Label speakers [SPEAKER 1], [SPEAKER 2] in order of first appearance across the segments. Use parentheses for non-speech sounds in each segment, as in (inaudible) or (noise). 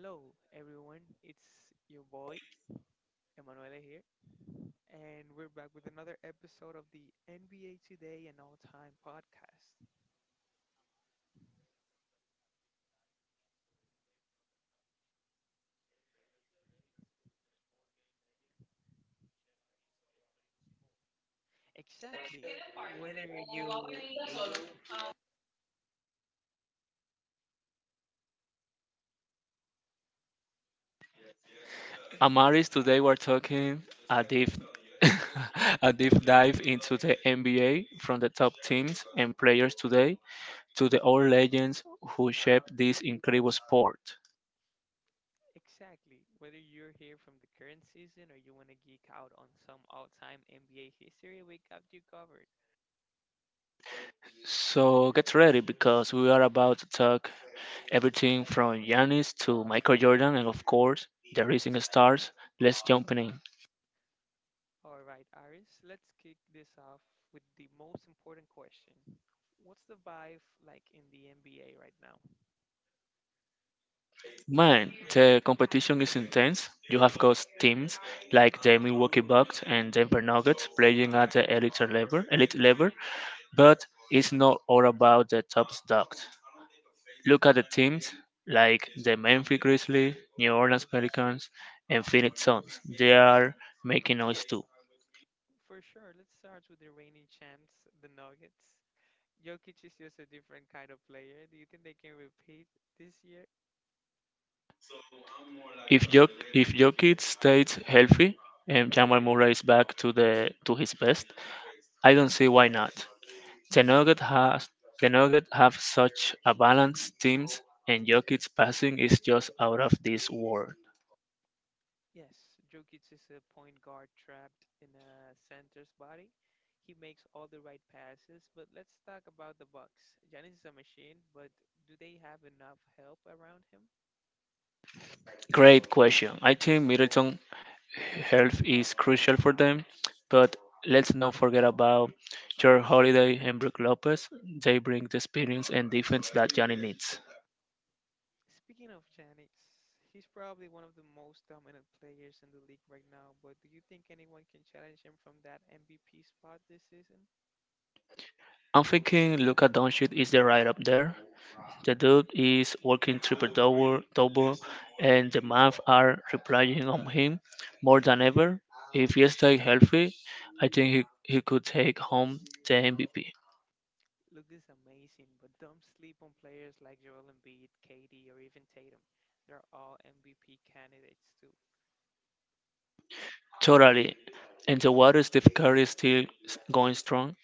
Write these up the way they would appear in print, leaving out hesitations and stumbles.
[SPEAKER 1] Hello, everyone. It's your boy, Emanuele here, and we're back with another episode of the NBA Today and All Time podcast. Exactly, whether you
[SPEAKER 2] Amaris, today we're talking a deep, (laughs) a deep dive into the NBA, from the top teams and players today to the old legends who shaped this incredible sport.
[SPEAKER 1] exactly, whether you're here from the current season or you want to geek out on some all-time NBA history, we got you covered.
[SPEAKER 2] So get ready because we are about to talk everything from Giannis to Michael Jordan and, of course, the rising stars. Let's jump in.
[SPEAKER 1] All right, Iris, let's kick this off with the most important question. What's the vibe like in the NBA right now?
[SPEAKER 2] Man, the competition is intense. You have got teams like the Milwaukee Bucks and Denver Nuggets playing at the elite level, elite level. But it's not all about the top dogs. Look at the teams like the Memphis Grizzlies, New Orleans Pelicans, and Phoenix Suns. They are making noise too.
[SPEAKER 1] For sure, let's start with the reigning champs, the Nuggets. Jokic is just a different kind of player. Do you think they can repeat this year?
[SPEAKER 2] If Jokic stays healthy and Jamal Murray is back to the to his best, I don't see why not. The Nuggets has the Nuggets have such a balanced team, and Jokic's passing is just out of this world.
[SPEAKER 1] Yes, Jokic is a point guard trapped in a center's body. He makes all the right passes, but let's talk about the Bucks. Giannis is a machine, but do they have enough help around him?
[SPEAKER 2] Great question. I think Middleton health is crucial for them. But let's not forget about your Holiday and Brook Lopez. They bring the experience and defense that Johnny needs.
[SPEAKER 1] Speaking of Giannis, he's probably one of the most dominant players in the league right now, but do you think anyone can challenge him from that MVP spot this season?
[SPEAKER 2] I'm thinking Luka Doncic is the right up there. The dude is working triple double, double, and the math are relying on him more than ever. If he stays healthy, I think he could take home the MVP.
[SPEAKER 1] Luke is amazing, but don't sleep on players like Joel Embiid, KD, or even Tatum. They're all MVP candidates too.
[SPEAKER 2] Totally. And the water Steve Curry is still going strong.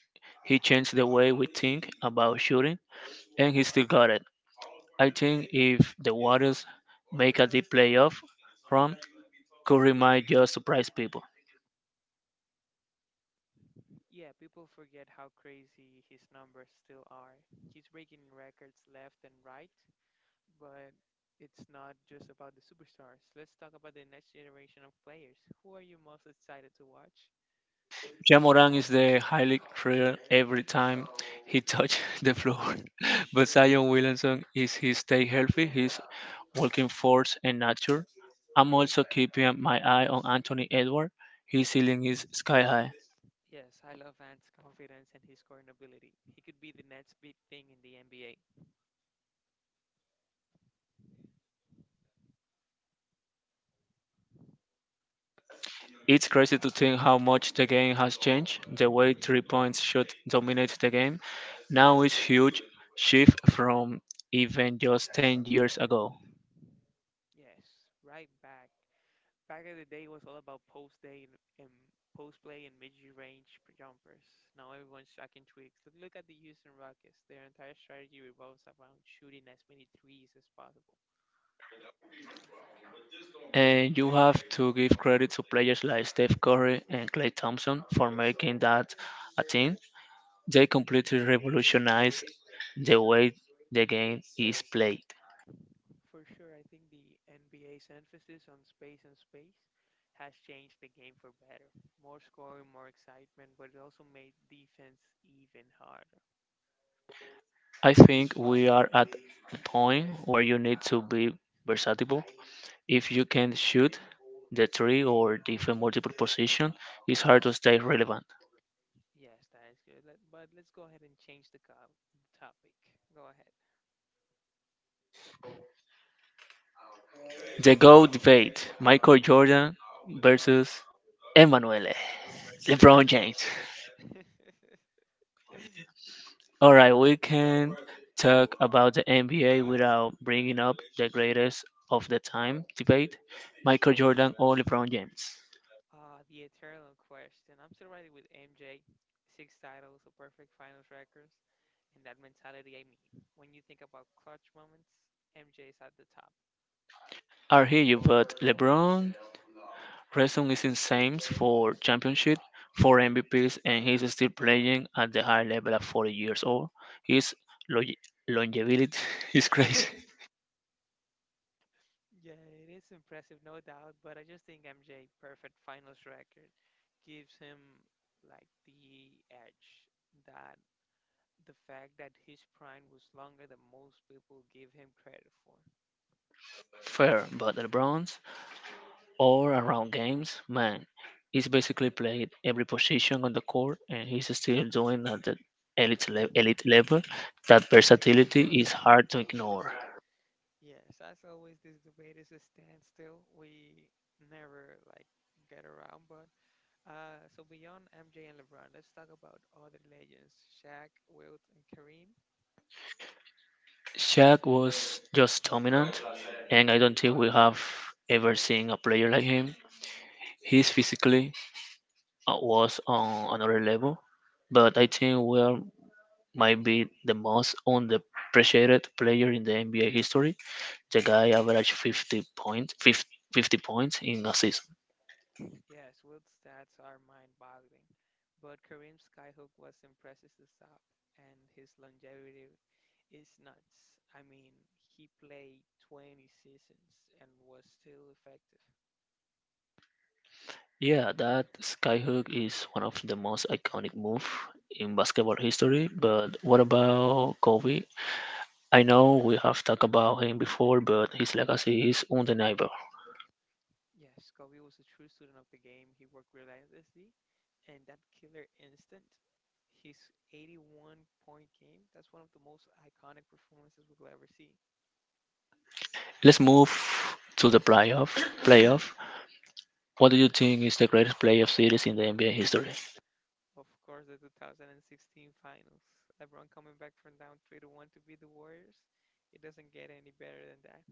[SPEAKER 2] He changed the way we think about shooting, and he still got it. I think if the Warriors make a deep playoff run, Curry might just surprise people.
[SPEAKER 1] Yeah, people forget how crazy his numbers still are. He's breaking records left and right, but it's not just about the superstars. Let's talk about the next generation of players. Who are you most excited to watch?
[SPEAKER 2] Jamoran is the highly rare every time he touches (laughs) the floor, (laughs) but Zion Williamson is his stay healthy, his walking force and nature. I'm also keeping my eye on Anthony Edward. His ceiling is sky high.
[SPEAKER 1] Yes, I love Ant's confidence and his scoring ability. He could be the next big thing in the NBA.
[SPEAKER 2] It's crazy to think how much the game has changed. The way three points should dominate the game now is huge shift from even just 10 years ago.
[SPEAKER 1] Yes, right. Back in the day, it was all about post day and post play and mid range jumpers. Now everyone's tracking tweaks. Look at the Houston Rockets. Their entire strategy revolves around shooting as many threes as possible.
[SPEAKER 2] And you have to give credit to players like Steph Curry and Clay Thompson for making that a thing. They completely revolutionized the way the game is played.
[SPEAKER 1] For sure, I think the NBA's emphasis on space has changed the game for better. More scoring, more excitement, but it also made defense even harder.
[SPEAKER 2] I think we are at a point where you need to be versatile. If you can't shoot the three or defend multiple position, it's hard to stay relevant.
[SPEAKER 1] Yes, that is good. But let's go ahead and change the topic. Go ahead.
[SPEAKER 2] The GOAT debate: Michael Jordan versus Emmanuel LeBron James.
[SPEAKER 1] (laughs)
[SPEAKER 2] All right, we can talk about the NBA without bringing up the greatest of the time debate: Michael Jordan or LeBron James.
[SPEAKER 1] The eternal question. I'm still riding with MJ. Six titles, a perfect finals records, and that mentality. I mean, when you think about clutch moments, MJ is at the top.
[SPEAKER 2] Are here you, but LeBron Grayson is in Saints for championship, four MVPs, and he's still playing at the high level at 40 years old. His longe- longevity (laughs) is crazy.
[SPEAKER 1] Yeah, it is impressive, no doubt, but I just think MJ perfect finals record gives him like the edge that the fact that his prime was longer than most people give him credit for.
[SPEAKER 2] Fair, but LeBron's all around games, man, he's basically played every position on the court, and he's still doing at the elite elite level. That versatility is hard to ignore.
[SPEAKER 1] Yes, as always, this debate is a standstill. We never like get around, but so beyond MJ and LeBron, let's talk about other legends: Shaq, Wilt, and Kareem.
[SPEAKER 2] Shaq was just dominant, and I don't think we have ever seen a player like him. He's physically, was on another level, but I think Ware might be the most underappreciated player in the NBA history. The guy averaged 50 points, 50, points in a season.
[SPEAKER 1] Yes, Wilt's stats are mind-boggling, but Kareem's skyhook was impressive to stop, and his longevity is nuts. I mean, he played 20 seasons and was still effective.
[SPEAKER 2] Yeah, that skyhook is one of the most iconic move in basketball history. But what about Kobe? I know we have talked about him before, but his legacy is undeniable.
[SPEAKER 1] Yes, Kobe was a true student of the game. He worked relentlessly, and that killer instinct, his 81 point game, that's one of the most iconic performances we'll ever see.
[SPEAKER 2] Let's move to the playoff. Playoff. What do you think is the greatest playoff series in the NBA history?
[SPEAKER 1] Of course, the 2016 finals. LeBron coming back from down 3-1 to beat the Warriors. It doesn't get any better than that.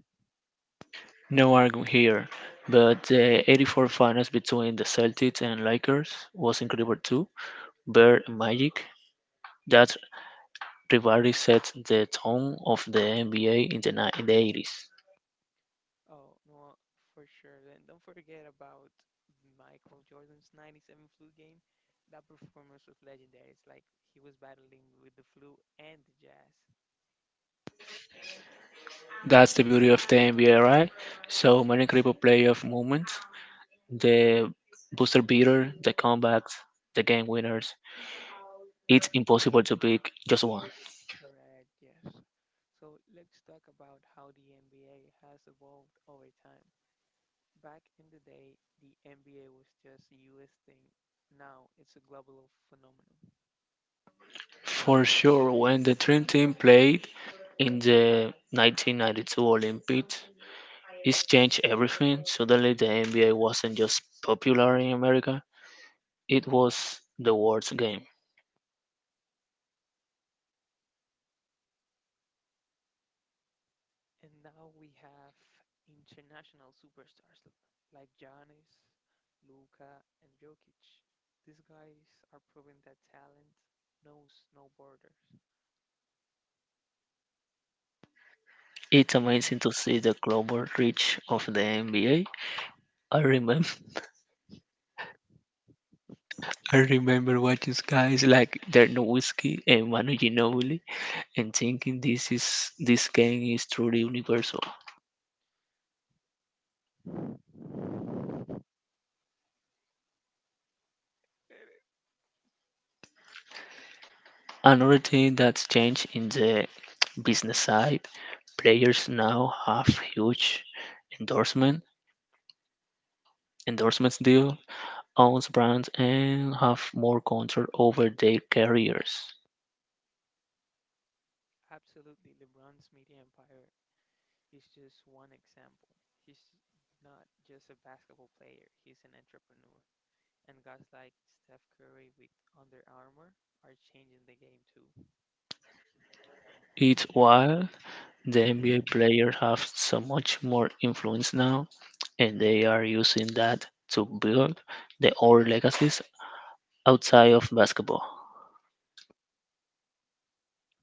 [SPEAKER 2] No argument here, but the 84 finals between the Celtics and Lakers was incredible too. Bird and Magic, that rivalry set the tone of the NBA in in the 80s.
[SPEAKER 1] Oh, no, for sure. Then don't forget about Michael Jordan's 97 flu game. That performance was legendary. It's like he was battling with the flu and the jazz.
[SPEAKER 2] That's the beauty of the NBA, right? So many incredible playoff moments, the buzzer beater, the comebacks, the game winners. It's impossible to pick just one.
[SPEAKER 1] Correct, yes. So let's talk about how the NBA has evolved over time. Back in the day, the NBA was just a US thing. Now it's a global phenomenon.
[SPEAKER 2] For sure, when the Dream Team played in the 1992 Olympics, it's changed everything. Suddenly the NBA wasn't just popular in America, it was the world's game.
[SPEAKER 1] And now we have international superstars like Giannis, Luka, and Jokic. These guys are proving that talent knows no borders.
[SPEAKER 2] It's amazing to see the global reach of the NBA. I remember (laughs) I remember watching guys like Dirk Nowitzki and Manu Ginobili and thinking this game is truly universal. Another thing that's changed in the business side, players now have huge endorsement endorsements deal owns brands and have more control over their careers.
[SPEAKER 1] Absolutely, LeBron's media empire is just one example. He's not just a basketball player, he's an entrepreneur. And guys like Steph Curry with Under Armour are changing the game too.
[SPEAKER 2] It's wild. The NBA players have so much more influence now, and they are using that to build their own legacies outside of basketball.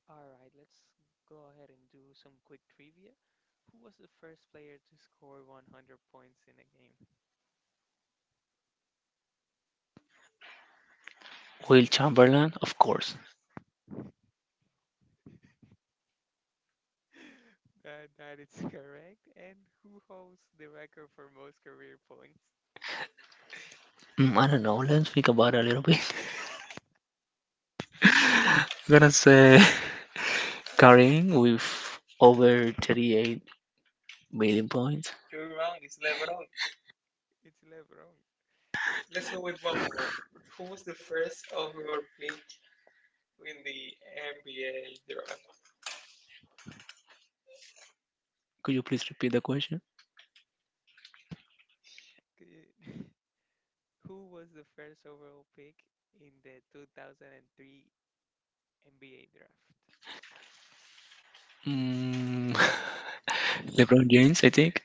[SPEAKER 1] All right, let's go ahead and do some quick trivia. Who was the first player to score 100 points in a game?
[SPEAKER 2] Will Chamberlain, of course.
[SPEAKER 1] (laughs) That is (laughs) correct. And who holds the record for most career points?
[SPEAKER 2] Mm, I don't know. Let's think about it a little bit. (laughs) I'm gonna say (laughs) Karim with over 38
[SPEAKER 1] You-
[SPEAKER 2] million points.
[SPEAKER 1] You're wrong. It's LeBron. It's LeBron. Let's go with one more. Who was the first overall pick in the NBA draft?
[SPEAKER 2] Could you please repeat the question?
[SPEAKER 1] Good. (laughs) Who was the first overall pick in the 2003 NBA draft?
[SPEAKER 2] Mm, (laughs) LeBron James, I think.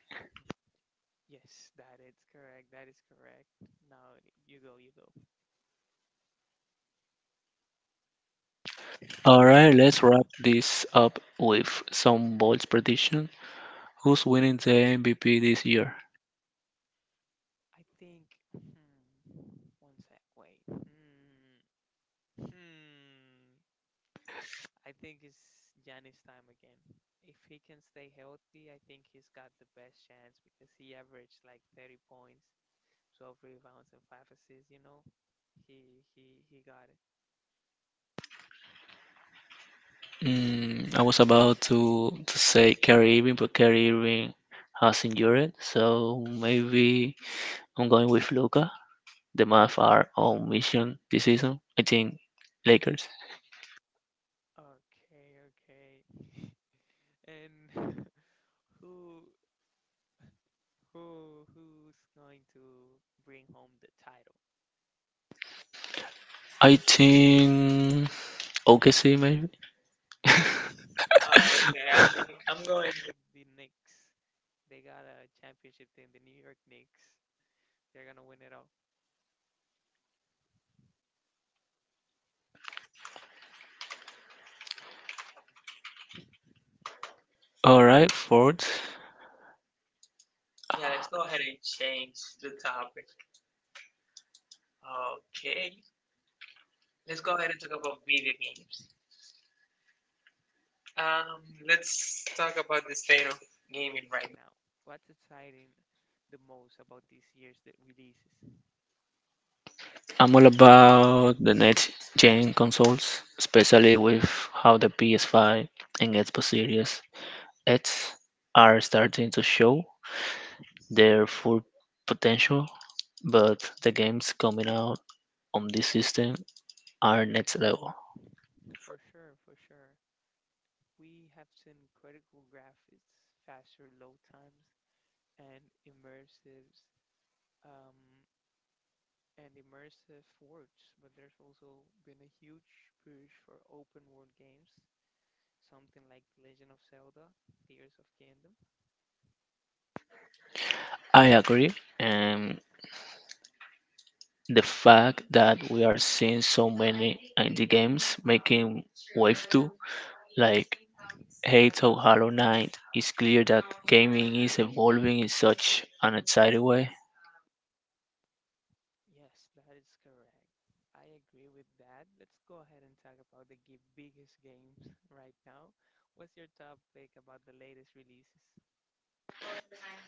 [SPEAKER 1] Yes, that is correct. That is correct. Now you go.
[SPEAKER 2] All right, let's wrap this up with some bold prediction. Who's winning the MVP this year?
[SPEAKER 1] I think. Hmm, one sec. Wait. Hmm. Hmm. I think it's Giannis time again. If he can stay healthy, I think he's got the best chance because he averaged like 30 points, 12 rebounds, and five assists. You know, he got it.
[SPEAKER 2] Mm, I was about to say Kyrie Irving, but Kyrie Irving has injured, so maybe I'm going with Luca. The Mavs are on mission this season. I think Lakers.
[SPEAKER 1] Okay, okay. (laughs) And (laughs) who who's going to bring home the title?
[SPEAKER 2] I think OKC maybe. (laughs)
[SPEAKER 1] Oh, okay, I'm going with the Knicks. They got a championship team, the New York Knicks. They're gonna win it all.
[SPEAKER 2] All right, fourth.
[SPEAKER 1] Yeah, let's go ahead and change the topic. Okay, let's go ahead and talk about video games. Um, let's talk about the state of gaming right now. What's exciting the most about this year's that releases?
[SPEAKER 2] I'm all about the next gen consoles, especially with how the PS5 and Xbox Series X are starting to show their full potential, but the games coming out on this system are next level.
[SPEAKER 1] For sure, for sure. We have seen critical graphics, faster load times, and immersives um, and immersive worlds. But there's also been a huge push for open world games, something like The Legend of Zelda, Tears of Kingdom.
[SPEAKER 2] I agree, and the fact that we are seeing so many indie games making wave two, like Hate or Hollow Knight, it's clear that gaming is evolving in such an exciting way.
[SPEAKER 1] Yes, that is correct. I agree with that. Let's go ahead and talk about the biggest games (laughs) right now. What's your top pick about the latest releases?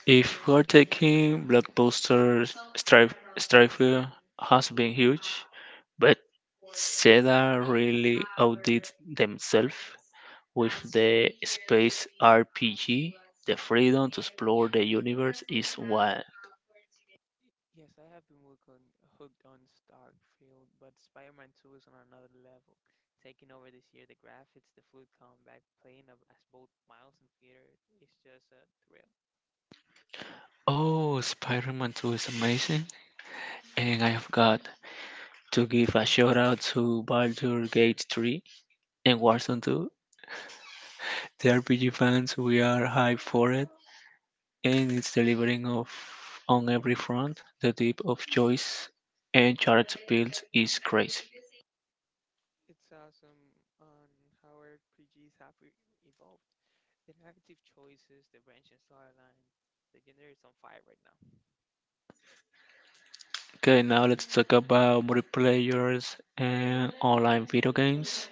[SPEAKER 2] If we're taking blockbusters, Strife has been huge, but Sega really outdid themselves with the space RPG. The freedom to explore the universe is wild.
[SPEAKER 1] Yes, I have been working hooked on Starkfield, but Spider-Man 2 is on another level. Taking over this year, the graphics, the fluid combat, playing as both Miles and Peter is just a thrill.
[SPEAKER 2] Oh, Spider-Man 2 is amazing. And I have got to give a shout out to Baldur's Gate 3 and Warzone 2. The RPG fans, we are hyped for it, and it's delivering of on every front. The depth of choice and character builds is crazy.
[SPEAKER 1] It's awesome on how RPGs have evolved. The narrative choices, the branching storyline, the genre is on fire right now.
[SPEAKER 2] Okay, now let's talk about multiplayers and online video games.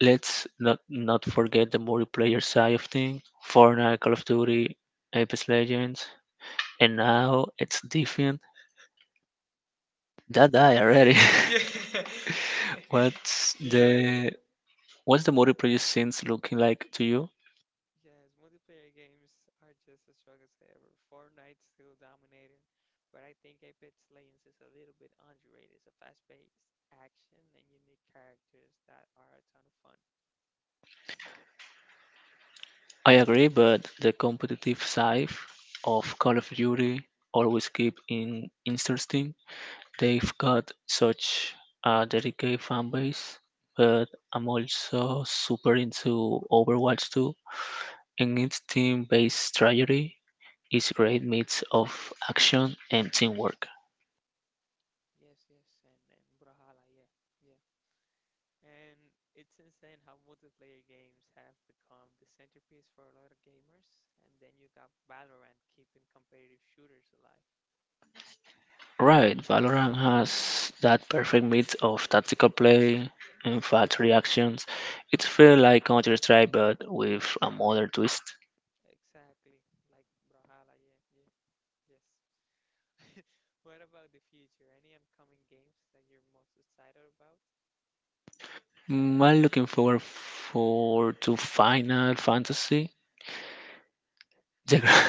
[SPEAKER 2] Let's not forget the multiplayer side of things. Fortnite, Call of Duty, Apex Legends, and now it's different. That I already. (laughs) what's
[SPEAKER 1] Yes,
[SPEAKER 2] the what's the motor player scenes looking like to you?
[SPEAKER 1] yes, multiplayer games are just as strong as ever. Fortnite's still dominating, but I think Apex Legends is a little bit underrated. It's a fast-paced action and unique characters that are a ton of fun.
[SPEAKER 2] I agree, but the competitive side of Call of Duty always keep in interesting. They've got such a dedicated fan base, but I'm also super into Overwatch 2, and its team-based strategy is great mix of action and teamwork.
[SPEAKER 1] Yes, yes, and Brawlhalla, yeah, yeah. And it's insane how multiplayer games have become the centerpiece for a lot of gamers. And then you got Valorant keeping competitive shooters alive.
[SPEAKER 2] Right, Valorant has that perfect mix of tactical play and fast reactions. It feels like Counter Strike but with a modern twist.
[SPEAKER 1] Exactly, like Brawlhalla, yeah, yeah, yes. (laughs) What about the future? Any upcoming games that you're most excited about?
[SPEAKER 2] Mm, I'm looking forward for to Final Fantasy. The gra-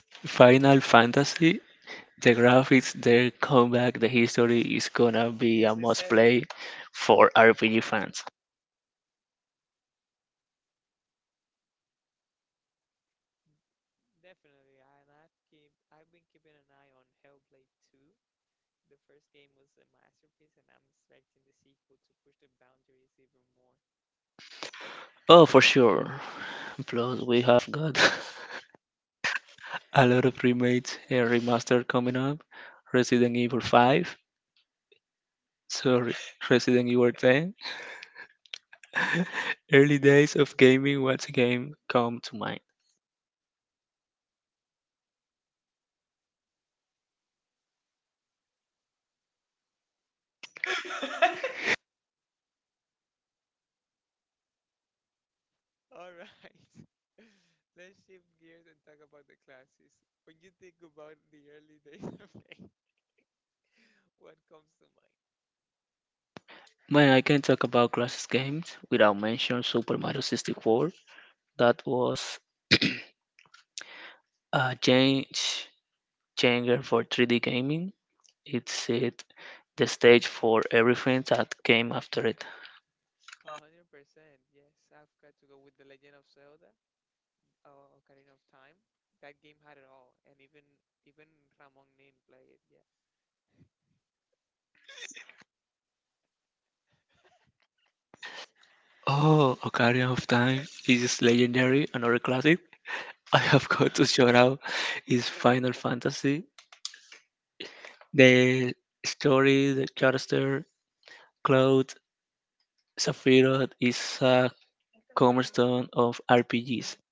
[SPEAKER 2] (laughs) Final Fantasy. The graphics, the comeback, the history is gonna be a must play for RPG fans.
[SPEAKER 1] Mm, Definitely, I- and I've keep I've been keeping an eye on Hellblade 2. The first game was a masterpiece, and I'm expecting the sequel to push the boundaries even more.
[SPEAKER 2] Oh, for sure. Plus, we have got (laughs) a lot of remakes and remaster coming up. Resident Evil 5, sorry, (laughs) Resident Evil 10. (laughs) Early days of gaming, what game come to mind?
[SPEAKER 1] All right. (laughs) Let's shift gears and talk about the classes. When you think about the early days (laughs) of game, what comes to mind?
[SPEAKER 2] Man, I can't talk about classic games without mentioning Super Mario 64. That was (clears throat) a changer for 3D gaming. It set the stage for everything that came after it.
[SPEAKER 1] 100%. Yes, I've got to go with The Legend of Zelda. Ocarina of Time, that game had it all, and even Ramon Nin played it. Yeah.
[SPEAKER 2] Oh, Ocarina of Time
[SPEAKER 1] Uh,
[SPEAKER 2] is legendary, another classic. (laughs) I have got to shout out is Final Fantasy. The story, the character, Cloud, Sephiroth is a cornerstone of RPGs.
[SPEAKER 1] (laughs)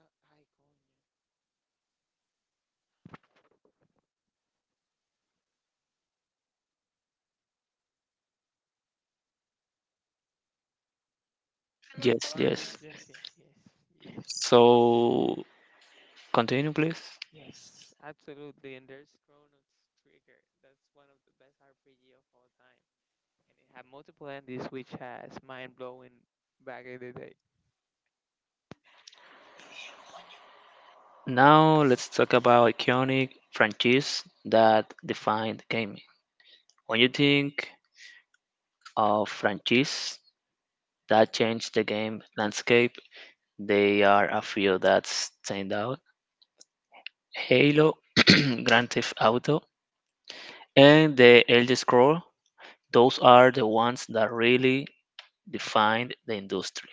[SPEAKER 1] Ay, coño.
[SPEAKER 2] Yes,
[SPEAKER 1] Yes,
[SPEAKER 2] yes.
[SPEAKER 1] yes, yes, yes, yes,
[SPEAKER 2] So continue, please.
[SPEAKER 1] yes, absolutely. And there's Chrono Trigger. That's one of the best RPG of all time, and it had multiple endings, which has mind blowing back in the day.
[SPEAKER 2] Now let's talk about iconic franchise that defined gaming. When you think of franchise that changed the game landscape, they are a few that stand out. Halo, (clears throat) Grand Theft Auto, and the Elder Scroll; those are the ones that really defined the industry.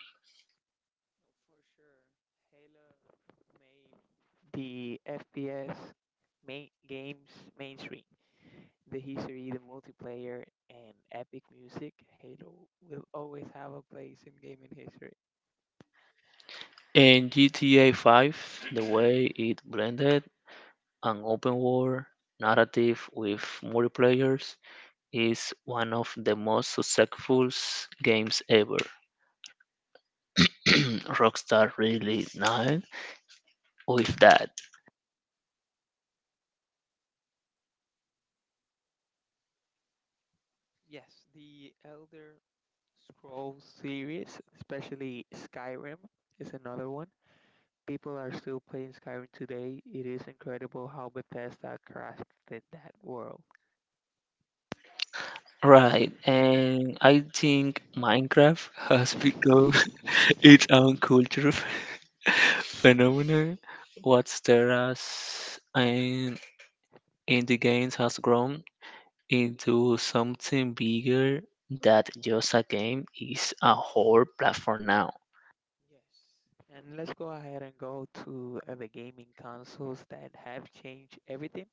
[SPEAKER 1] Oh, for sure, Halo made the FPS main games mainstream. The history, the multiplayer, and epic music, Halo will always have a place in gaming history.
[SPEAKER 2] In GTA 5, the way it blended an open world narrative with multiplayers, is one of the most successful games ever. (clears throat) Rockstar really nailed with that.
[SPEAKER 1] Yes, the Elder Scrolls series, especially Skyrim, is another one. People are still playing Skyrim today. It is incredible how Bethesda crafted that world.
[SPEAKER 2] Right, and I think Minecraft has become
[SPEAKER 1] Yes.
[SPEAKER 2] (laughs) its own culture (laughs) phenomenon. What's there as and in the games has grown into something bigger that just a game is a whole platform now.
[SPEAKER 1] And let's go ahead and go to the gaming consoles that have changed everything.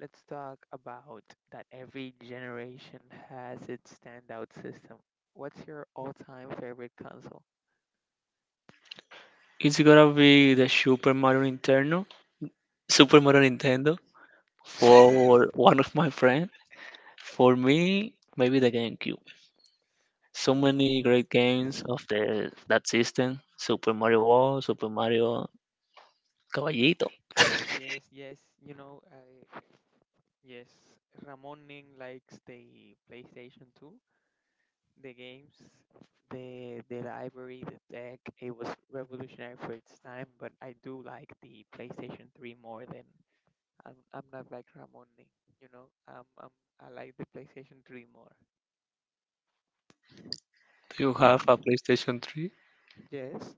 [SPEAKER 1] Let's talk about that every generation has its standout system. What's your all time favorite console?
[SPEAKER 2] It's gonna be the Super Mario Nintendo, Super Mario Nintendo for (laughs) one of my friends. For me, maybe the GameCube. So many
[SPEAKER 1] Uh,
[SPEAKER 2] great games of the that system. Super Mario World, Super Mario Caballito.
[SPEAKER 1] yes, yes, you know, I, yes, Ramon Ning likes the PlayStation 2, the games, the library, the tech. It was revolutionary for its time, but I do like the PlayStation 3 more than I'm not like Ramon Ning, you know. Um, um, I like the PlayStation 3 more.
[SPEAKER 2] Do you have a PlayStation 3?
[SPEAKER 1] Yes.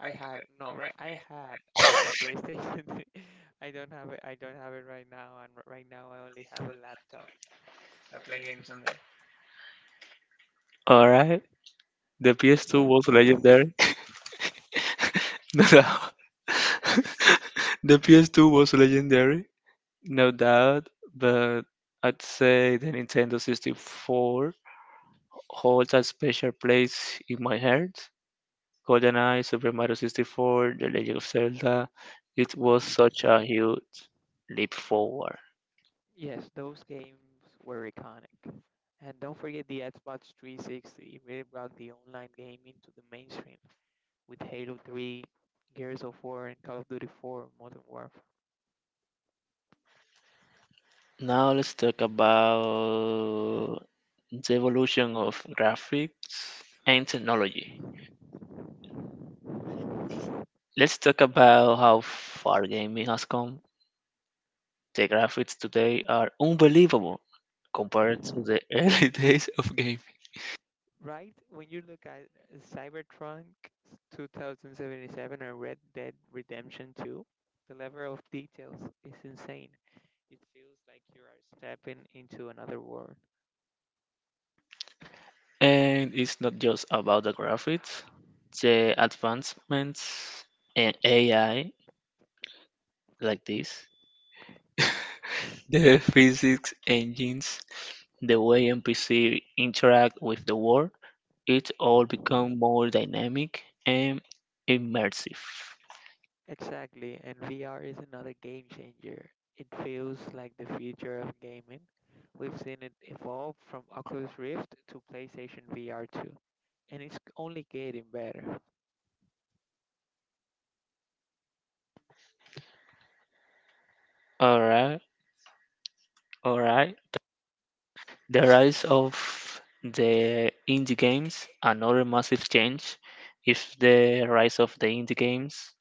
[SPEAKER 1] I had no right. I had a PlayStation 3. (laughs) I don't have it. I don't have it right now. And right now, I only have a laptop. I play games on there.
[SPEAKER 2] All right, the PS2 was legendary. (laughs) No doubt. (laughs) the PS2 was legendary, no doubt, but I'd say the Nintendo 64 holds a special place in my heart. GoldenEye, Super Mario 64, The Legend of Zelda, it was such a huge leap forward.
[SPEAKER 1] Yes, those games were iconic. And don't forget the Xbox 360. It really brought the online gaming to the mainstream with Halo 3, Gears of War, and Call of Duty 4: Modern Warfare.
[SPEAKER 2] Now let's talk about the evolution of graphics and technology. Let's talk about how far gaming has come. The graphics today are unbelievable compared to the (laughs) early days of gaming.
[SPEAKER 1] Right? When you look at Cybertron 2077 or Red Dead Redemption 2, the level of details is insane. It feels like you are stepping into another world.
[SPEAKER 2] And it's not just about the graphics, the advancements in AI like this the physics engines, the way NPC interact with the world, it all become more dynamic and immersive.
[SPEAKER 1] Exactly, and VR is another game changer. It feels like the future of gaming. We've seen it evolve from Oculus Rift to PlayStation VR 2, and it's only getting better.
[SPEAKER 2] Alright, alright. The rise of the indie games, another massive change is the rise of the indie games.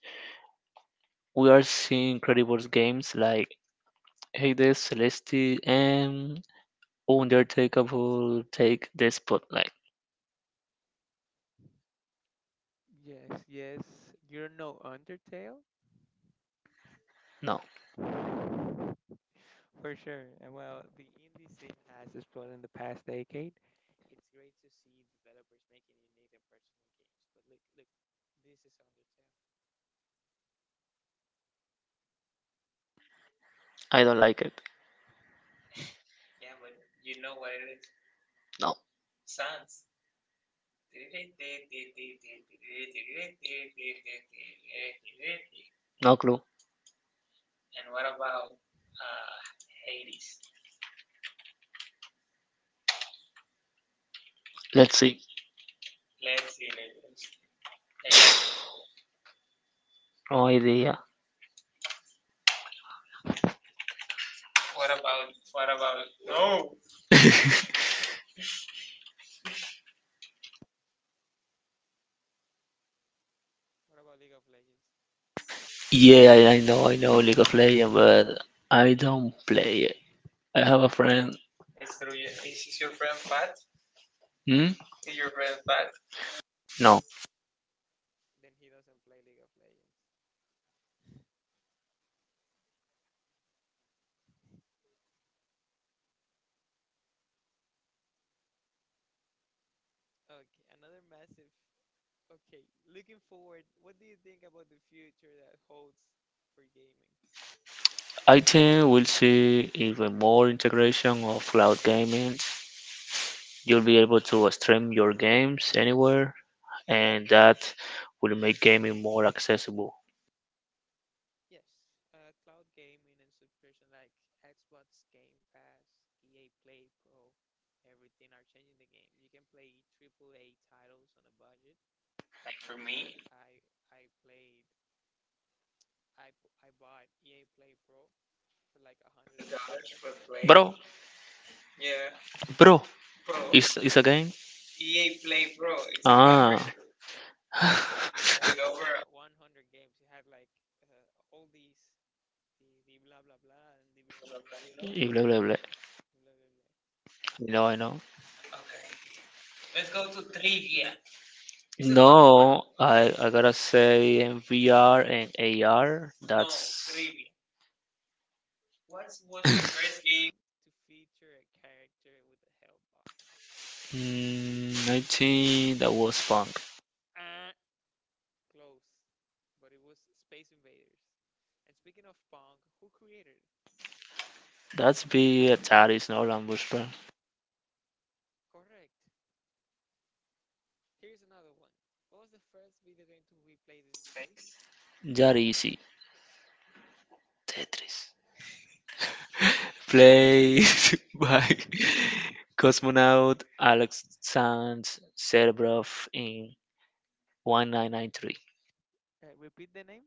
[SPEAKER 2] We are seeing incredible games like Hades, Celeste, and Undertakeable take the spotlight.
[SPEAKER 1] Yes, yes. You don't know Undertale?
[SPEAKER 2] No,
[SPEAKER 1] For sure. And well, the indie scene has exploded in the past decade. It's great to see developers making unique and personal games. But look, this is Undertale.
[SPEAKER 2] I don't like it.
[SPEAKER 1] (laughs) Yeah, but you know what it is.
[SPEAKER 2] No,
[SPEAKER 1] Sans.
[SPEAKER 2] no clue.
[SPEAKER 1] And what about uh, Hades?
[SPEAKER 2] Let's see.
[SPEAKER 1] Let's see. Let's see. Hey,
[SPEAKER 2] No idea.
[SPEAKER 1] what about what about no?
[SPEAKER 2] (laughs)
[SPEAKER 1] What about League of Legends?
[SPEAKER 2] Yeah, I know League of Legends, but I don't play it. I have a friend.
[SPEAKER 1] It's true. Yeah. Is your friend fat?
[SPEAKER 2] Hmm?
[SPEAKER 1] Is your friend fat?
[SPEAKER 2] No,
[SPEAKER 1] Then he doesn't play League of Legends. Okay, another massive. Okay, looking forward, what do you think about the future that holds for gaming?
[SPEAKER 2] I think we'll see even more integration of cloud gaming. You'll be able to stream your games anywhere, and that will make gaming more accessible.
[SPEAKER 1] Yes, cloud gaming and subscription like Xbox Game Pass, EA Play Pro, everything are changing the game. You can play AAA titles on a budget. Like for me, I played I bought EA Play Pro for like $100, but Play
[SPEAKER 2] Bro,
[SPEAKER 1] yeah
[SPEAKER 2] bro,
[SPEAKER 1] Pro
[SPEAKER 2] it's a game?
[SPEAKER 1] EA Play Pro. It's a
[SPEAKER 2] Ah.
[SPEAKER 1] membership with over
[SPEAKER 2] (laughs)
[SPEAKER 1] 100 games. It had like all these the blah blah blah and the blah blah blah.
[SPEAKER 2] Blah, blah, blah.
[SPEAKER 1] Blah, blah, blah.
[SPEAKER 2] No, I know.
[SPEAKER 1] Okay, let's go to trivia. It's a tough one.
[SPEAKER 2] No, I,
[SPEAKER 1] (laughs)
[SPEAKER 2] I gotta say in VR and AR,
[SPEAKER 1] No
[SPEAKER 2] that's.
[SPEAKER 1] trivia. What was the first game to feature a character with a health
[SPEAKER 2] Mm, I think that was fun.
[SPEAKER 1] bar? Close, but it was Space Invaders. And speaking of Pong, who created it?
[SPEAKER 2] That's be Atari, no Lambuspell.
[SPEAKER 1] Correct. Here's another one. What was the first video game to be played in space?
[SPEAKER 2] That easy. Tetris. Play (laughs) by cosmonaut Alexander Serbrov in 1993.
[SPEAKER 1] Repeat the name?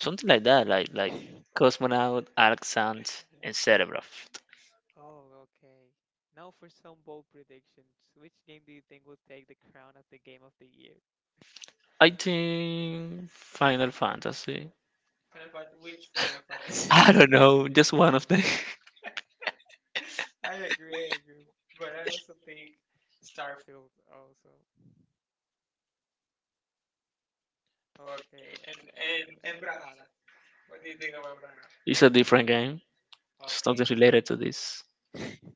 [SPEAKER 2] Something like that, like
[SPEAKER 1] (laughs)
[SPEAKER 2] cosmonaut Alexander and Serbrov.
[SPEAKER 1] Oh, okay. Now for some bold predictions. Which game do you think will take the crown of the game of the year?
[SPEAKER 2] I think Final Fantasy.
[SPEAKER 1] Which Final
[SPEAKER 2] (laughs)
[SPEAKER 1] Fantasy?
[SPEAKER 2] I don't know, just one of them.
[SPEAKER 1] (laughs) I agree, I agree. But I also think Starfield also. Okay, and Brawlhalla. What do you think about Brawlhalla?
[SPEAKER 2] (laughs) it's a different game. It's
[SPEAKER 1] Okay.
[SPEAKER 2] nothing related to this.
[SPEAKER 1] (laughs)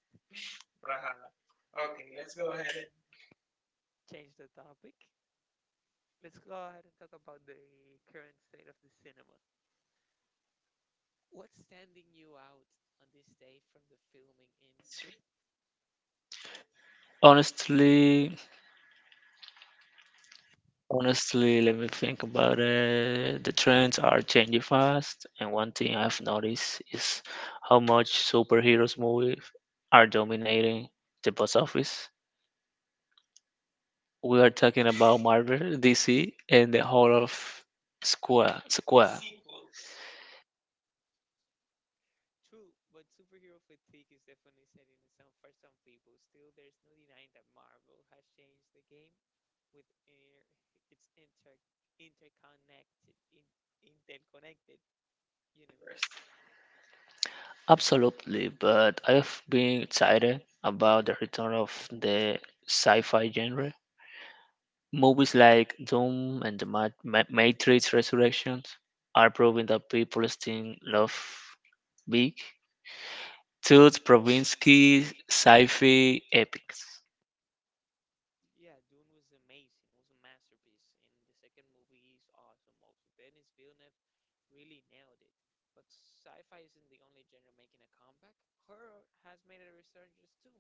[SPEAKER 1] Brahala. Okay, let's go ahead and change the topic. Let's go ahead and talk about the current state of the cinema. What's standing you out on this day from the filming industry?
[SPEAKER 2] Honestly, honestly, let me think about it. The trends are changing fast, and one thing I've noticed is how much superheroes movies are dominating the box office. We are talking about Marvel, DC, and the whole of Square. Square.
[SPEAKER 1] Sequels. True, but superhero fatigue is definitely setting in some for some people. Still, there's no denying that Marvel has changed the game with air, its interconnected in, interconnected universe.
[SPEAKER 2] Absolutely, but I've been excited about the return of the sci-fi genre. Movies like Doom and the Matrix Resurrections are proving that people still love big, tooth Provinsky sci-fi epics.
[SPEAKER 1] Yeah, Dune was amazing. It was a masterpiece, and the second movie is awesome. Also, Denis Villeneuve really nailed it. But sci-fi isn't the only genre making a comeback. Horror has made a resurgence too.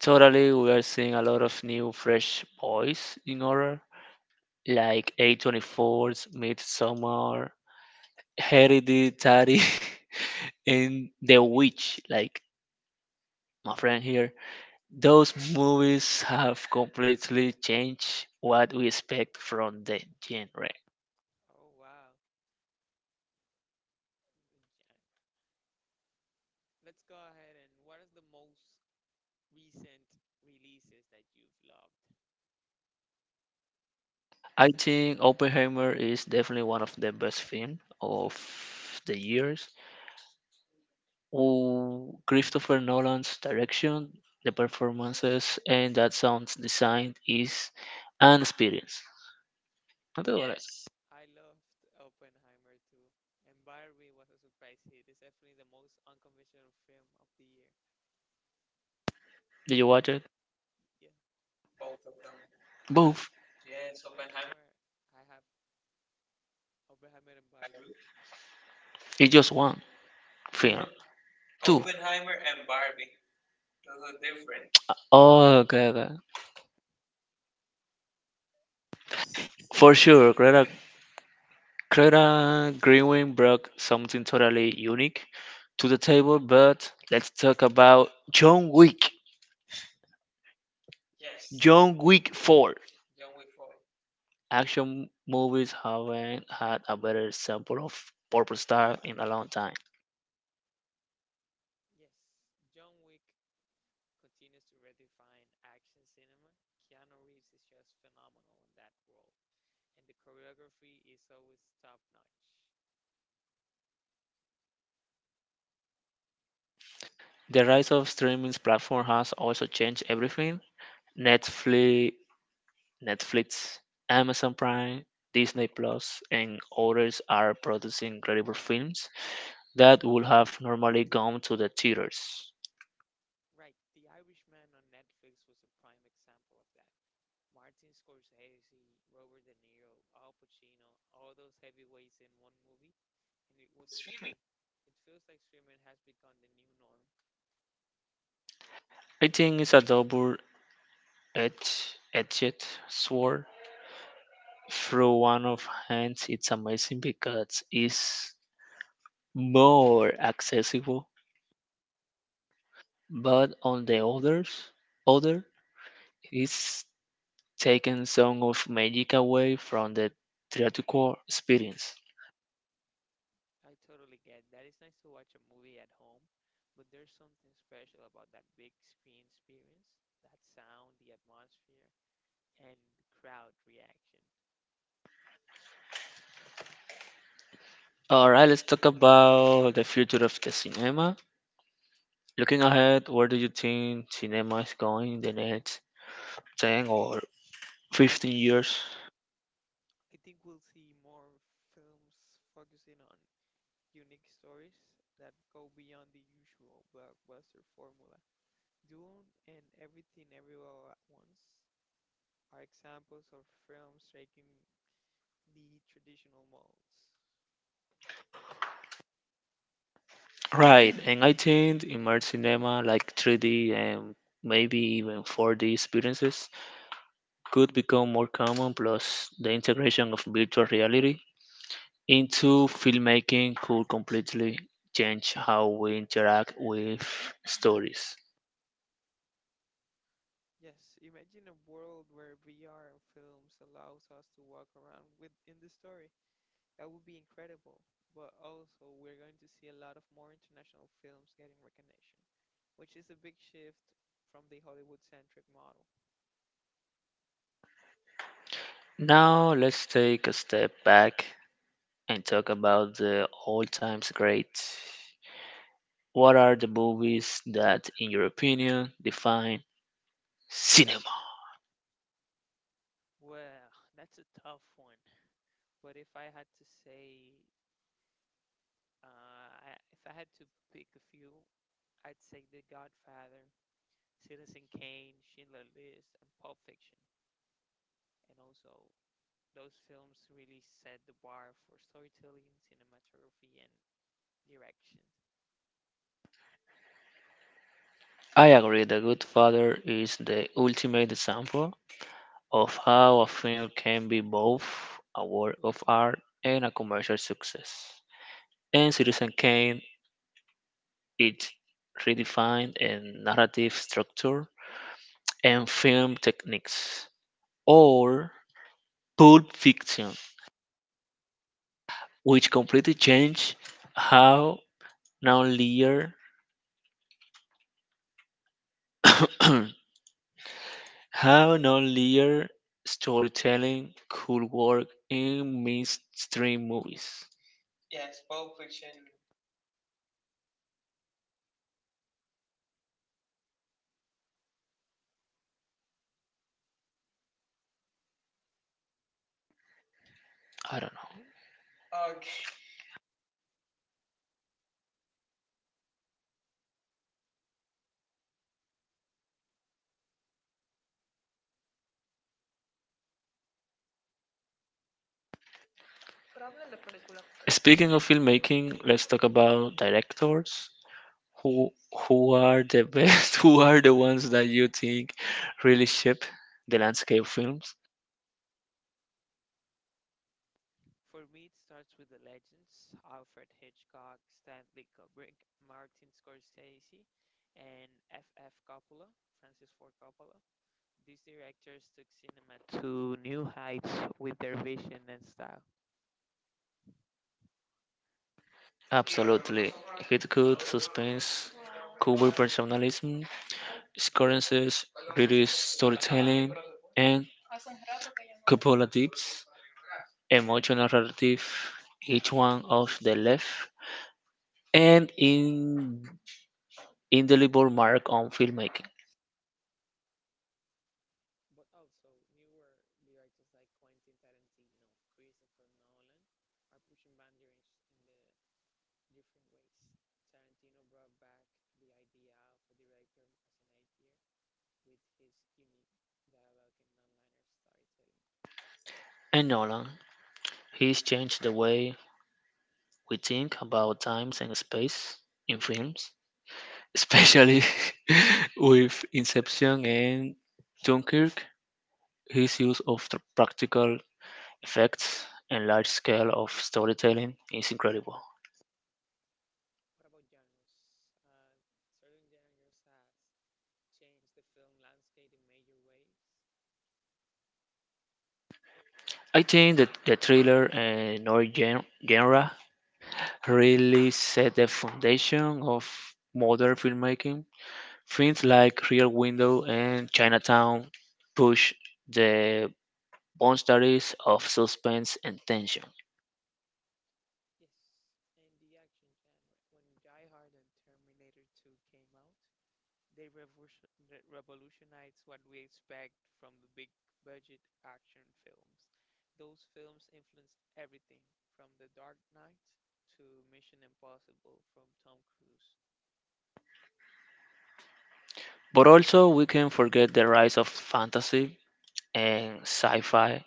[SPEAKER 2] Totally, we are seeing a lot of new, fresh voice in horror, like A24's Midsummer, Hereditary, (laughs) and The Witch. Like my friend here. Those movies have completely changed what we expect from the genre.
[SPEAKER 1] Oh wow! Yeah. Let's go ahead and what are the most recent releases that you've loved?
[SPEAKER 2] I think Oppenheimer is definitely one of the best films of the years. Oh, Christopher Nolan's direction, the performances, and that sounds design is an experience. I tell
[SPEAKER 1] Yes,
[SPEAKER 2] what,
[SPEAKER 1] I loved Oppenheimer too. And Barbie was a surprise hit. It's definitely the most unconventional film of the year.
[SPEAKER 2] did you watch it?
[SPEAKER 1] Yeah, both of them. Uh,
[SPEAKER 2] Both.
[SPEAKER 1] yes, Oppenheimer. I have Oppenheimer and Barbie.
[SPEAKER 2] It's just one
[SPEAKER 1] No,
[SPEAKER 2] film. Two.
[SPEAKER 1] Oppenheimer and Barbie. Those are different.
[SPEAKER 2] Oh, okay.
[SPEAKER 1] (laughs)
[SPEAKER 2] For sure, Greta Greenwing brought something totally unique to the table, but let's talk about John Wick.
[SPEAKER 1] Yes,
[SPEAKER 2] John Wick 4.
[SPEAKER 1] John Wick 4.
[SPEAKER 2] Action movies haven't had a better sample of purple star in a long time.
[SPEAKER 1] Yes, John Wick continues to redefine action cinema. Keanu Reeves is just phenomenal in that role, and the choreography is always top notch.
[SPEAKER 2] The rise of streaming platform has also changed everything. Netflix, Netflix, Amazon Prime, Disney Plus, and others are producing incredible films that would have normally gone to the theaters.
[SPEAKER 1] Right, The Irishman on Netflix was a prime example of that. Martin Scorsese, Robert De Niro, Al Pacino, all those heavyweights in one movie, and it was streaming. It feels like streaming has become the new norm.
[SPEAKER 2] I think it's a double-edged sword. Through one of hands, it's amazing because it's more accessible, but on the others, other, it's taken some of magic away from the theatrical experience.
[SPEAKER 1] I totally get that. It's nice to watch a movie at home, but there's something special about that big screen experience, that sound, the atmosphere, and the crowd reaction.
[SPEAKER 2] All right, let's talk about the future of the cinema. Looking ahead, where do you think cinema is going in the next 10 or 15 years?
[SPEAKER 1] I think we'll see more films focusing on unique stories that go beyond the usual blockbuster formula. Dune and Everything Everywhere All at Once are examples of films breaking the traditional molds.
[SPEAKER 2] Right, and I think immersive cinema like 3D and maybe even 4D experiences could become more common, plus the integration of virtual reality into filmmaking could completely change how we interact with stories.
[SPEAKER 1] Yes, imagine a world where VR and films allows us to walk around with in the story. That would be incredible. But also, we're going to see a lot of more international films getting recognition, which is a big shift from the Hollywood-centric model.
[SPEAKER 2] Now, let's take a step back and talk about the all times great. What are the movies that, in your opinion, define cinema?
[SPEAKER 1] Well, that's a tough one. But if I had to say, if I had to pick a few, I'd say The Godfather, Citizen Kane, Schindler's List, and Pulp Fiction. And also, those films really set the bar for storytelling, cinematography, and direction.
[SPEAKER 2] I agree, The Good Father is the ultimate example of how a film can be both a work of art and a commercial success. In Citizen Kane, it redefined a narrative structure and film techniques. Or Pulp Fiction, which completely changed how non-linear (coughs) how non-linear storytelling could work in mainstream movies. I don't know. Speaking of filmmaking, let's talk about directors. Who who are the best? (laughs) Who are the ones that you think really shape the landscape of films?
[SPEAKER 1] For me, it starts with the legends Alfred Hitchcock, Stanley Kubrick, Martin Scorsese, and F. F. Coppola, Francis Ford Coppola. These directors took cinema to new heights with their vision and style.
[SPEAKER 2] Absolutely. Hitchcock, suspense, Kubrick personalism, scorances, really storytelling, and Coppola deeps, emotional narrative, each one of the left, and in indelible mark on filmmaking.
[SPEAKER 1] But also, newer directors like Quentin Tarantino, Christopher Nolan are pushing boundaries in the different ways. Tarantino brought back the idea of a director as an atheist with his unique dialogue and non-linear storytelling.
[SPEAKER 2] And Nolan, he's changed the way we think about times and space in films, especially (laughs) with Inception and Dunkirk. His use of the practical effects and large scale of storytelling is incredible.
[SPEAKER 1] What about genres? Uh, certain genres has changed the film landscape in major ways.
[SPEAKER 2] I think that the thriller and horror genre really set the foundation of modern filmmaking. Films like Rear Window and Chinatown push the boundaries of suspense and tension.
[SPEAKER 1] Yes, and the action genre. When Die Hard and Terminator 2 came out, they revolutionized what we expect from the big budget action films. Those films influenced everything from The Dark Knight to Mission Impossible from Tom Cruise.
[SPEAKER 2] But also, we can forget the rise of fantasy and sci fi.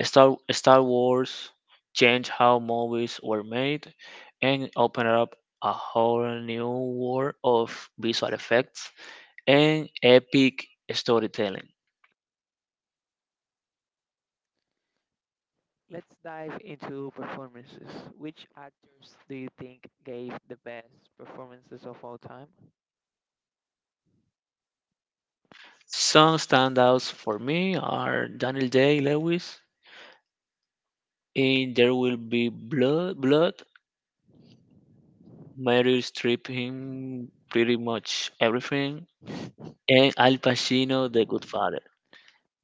[SPEAKER 2] Star Wars changed how movies were made and opened up a whole new world of visual effects and epic storytelling.
[SPEAKER 1] Let's dive into performances. Which actors do you think gave the best performances of all time?
[SPEAKER 2] Some standouts for me are Daniel Day Lewis in There Will Be Blood, Meryl Streep in pretty much everything, and Al Pacino, The Good Father.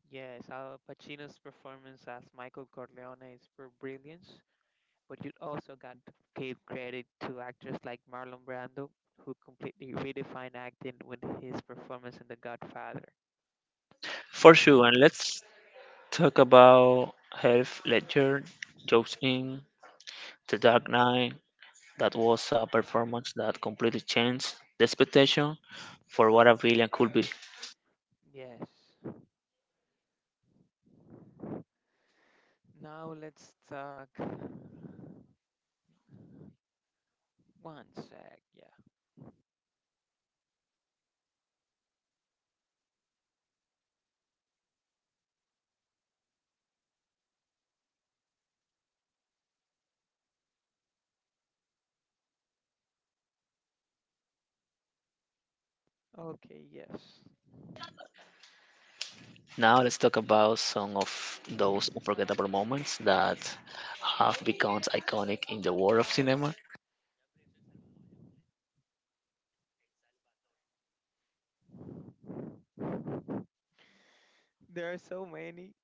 [SPEAKER 1] Yes, Al Pacino's performance as Michael Corleone is for brilliance, but you also got to give credit to actors like Marlon Brando, who completely redefined acting with his performance in The Godfather.
[SPEAKER 2] For sure, and let's talk about Heath Ledger, Jokes in The Dark Knight. That was a performance that completely changed the expectation for what a villain could be.
[SPEAKER 1] Yes. Now let's talk. One sec, yeah. Okay, yes.
[SPEAKER 2] Now let's talk about some of those unforgettable moments that have become iconic in the world of cinema.
[SPEAKER 1] There are so many.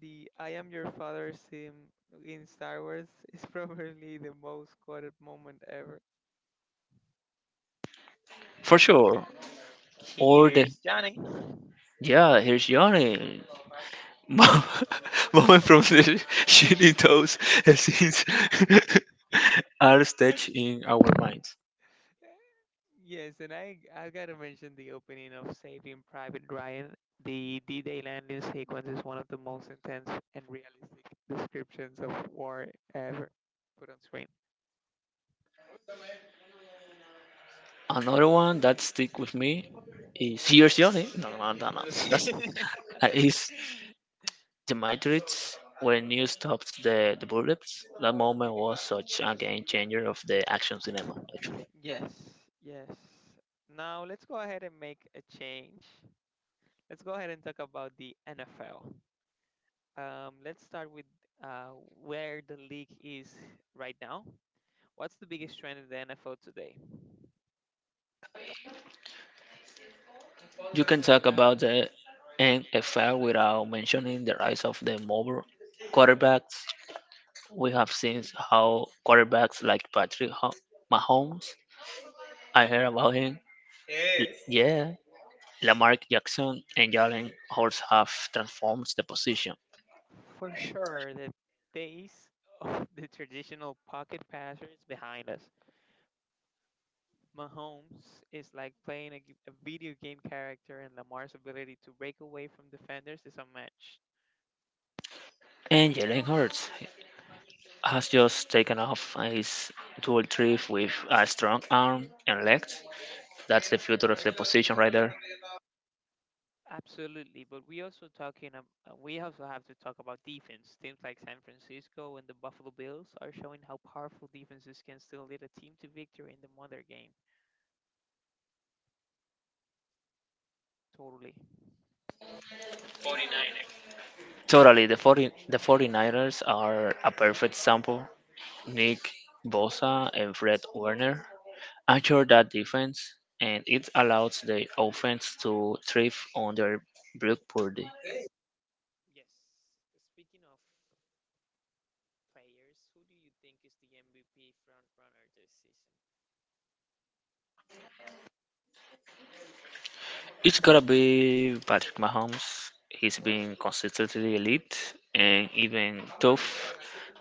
[SPEAKER 1] The I Am Your Father scene in Star Wars (laughs) is probably the most quoted moment ever.
[SPEAKER 2] For sure, all the
[SPEAKER 1] Here's Johnny.
[SPEAKER 2] yeah, here's Johnny. Mom, (laughs) Mom from the Shiny toes, scenes (laughs) are staged
[SPEAKER 1] (laughs)
[SPEAKER 2] in our minds.
[SPEAKER 1] Yes, and I gotta mention the opening of Saving Private Ryan. The D-Day landing sequence is one of the most intense and realistic descriptions of war ever put on screen.
[SPEAKER 2] Another one that stick with me is Here's Johnny. No, no, no, no. That's
[SPEAKER 1] (laughs)
[SPEAKER 2] is the Matrix when Neo stops the bullets. That moment was such a game changer of the action cinema. Actually,
[SPEAKER 1] yes, yes. Now let's go ahead and make a change. Let's go ahead and talk about the NFL. Let's start with uh, where the league is right now. What's the biggest trend in the NFL today?
[SPEAKER 2] you can talk about the NFL without mentioning the rise of the mobile quarterbacks. We have seen how quarterbacks like Mahomes, I heard about him, yeah, Lamar Jackson and Jalen Hurts have transformed the position.
[SPEAKER 1] For sure, the days of (laughs) the traditional pocket passer is behind us. Mahomes is like playing a video game character, and Lamar's ability to break away from defenders is unmatched.
[SPEAKER 2] And Jalen Hurts has just taken off his dual trip with a strong arm and legs. That's the future of the position right there.
[SPEAKER 1] Absolutely, but we also talking. We also have to talk about defense. Teams like San Francisco and the Buffalo Bills are showing how powerful defenses can still lead a team to victory in the mother game. Totally. The 49ers.
[SPEAKER 2] Totally, the 49ers are a perfect sample. Nick Bosa and Fred Werner anchor that defense, and it allows the offense to thrive on their block purdy.
[SPEAKER 1] Yes. Speaking of players, who do you think is the MVP front runner this season?
[SPEAKER 2] It's gotta be Patrick Mahomes. He's been consistently elite and even tough.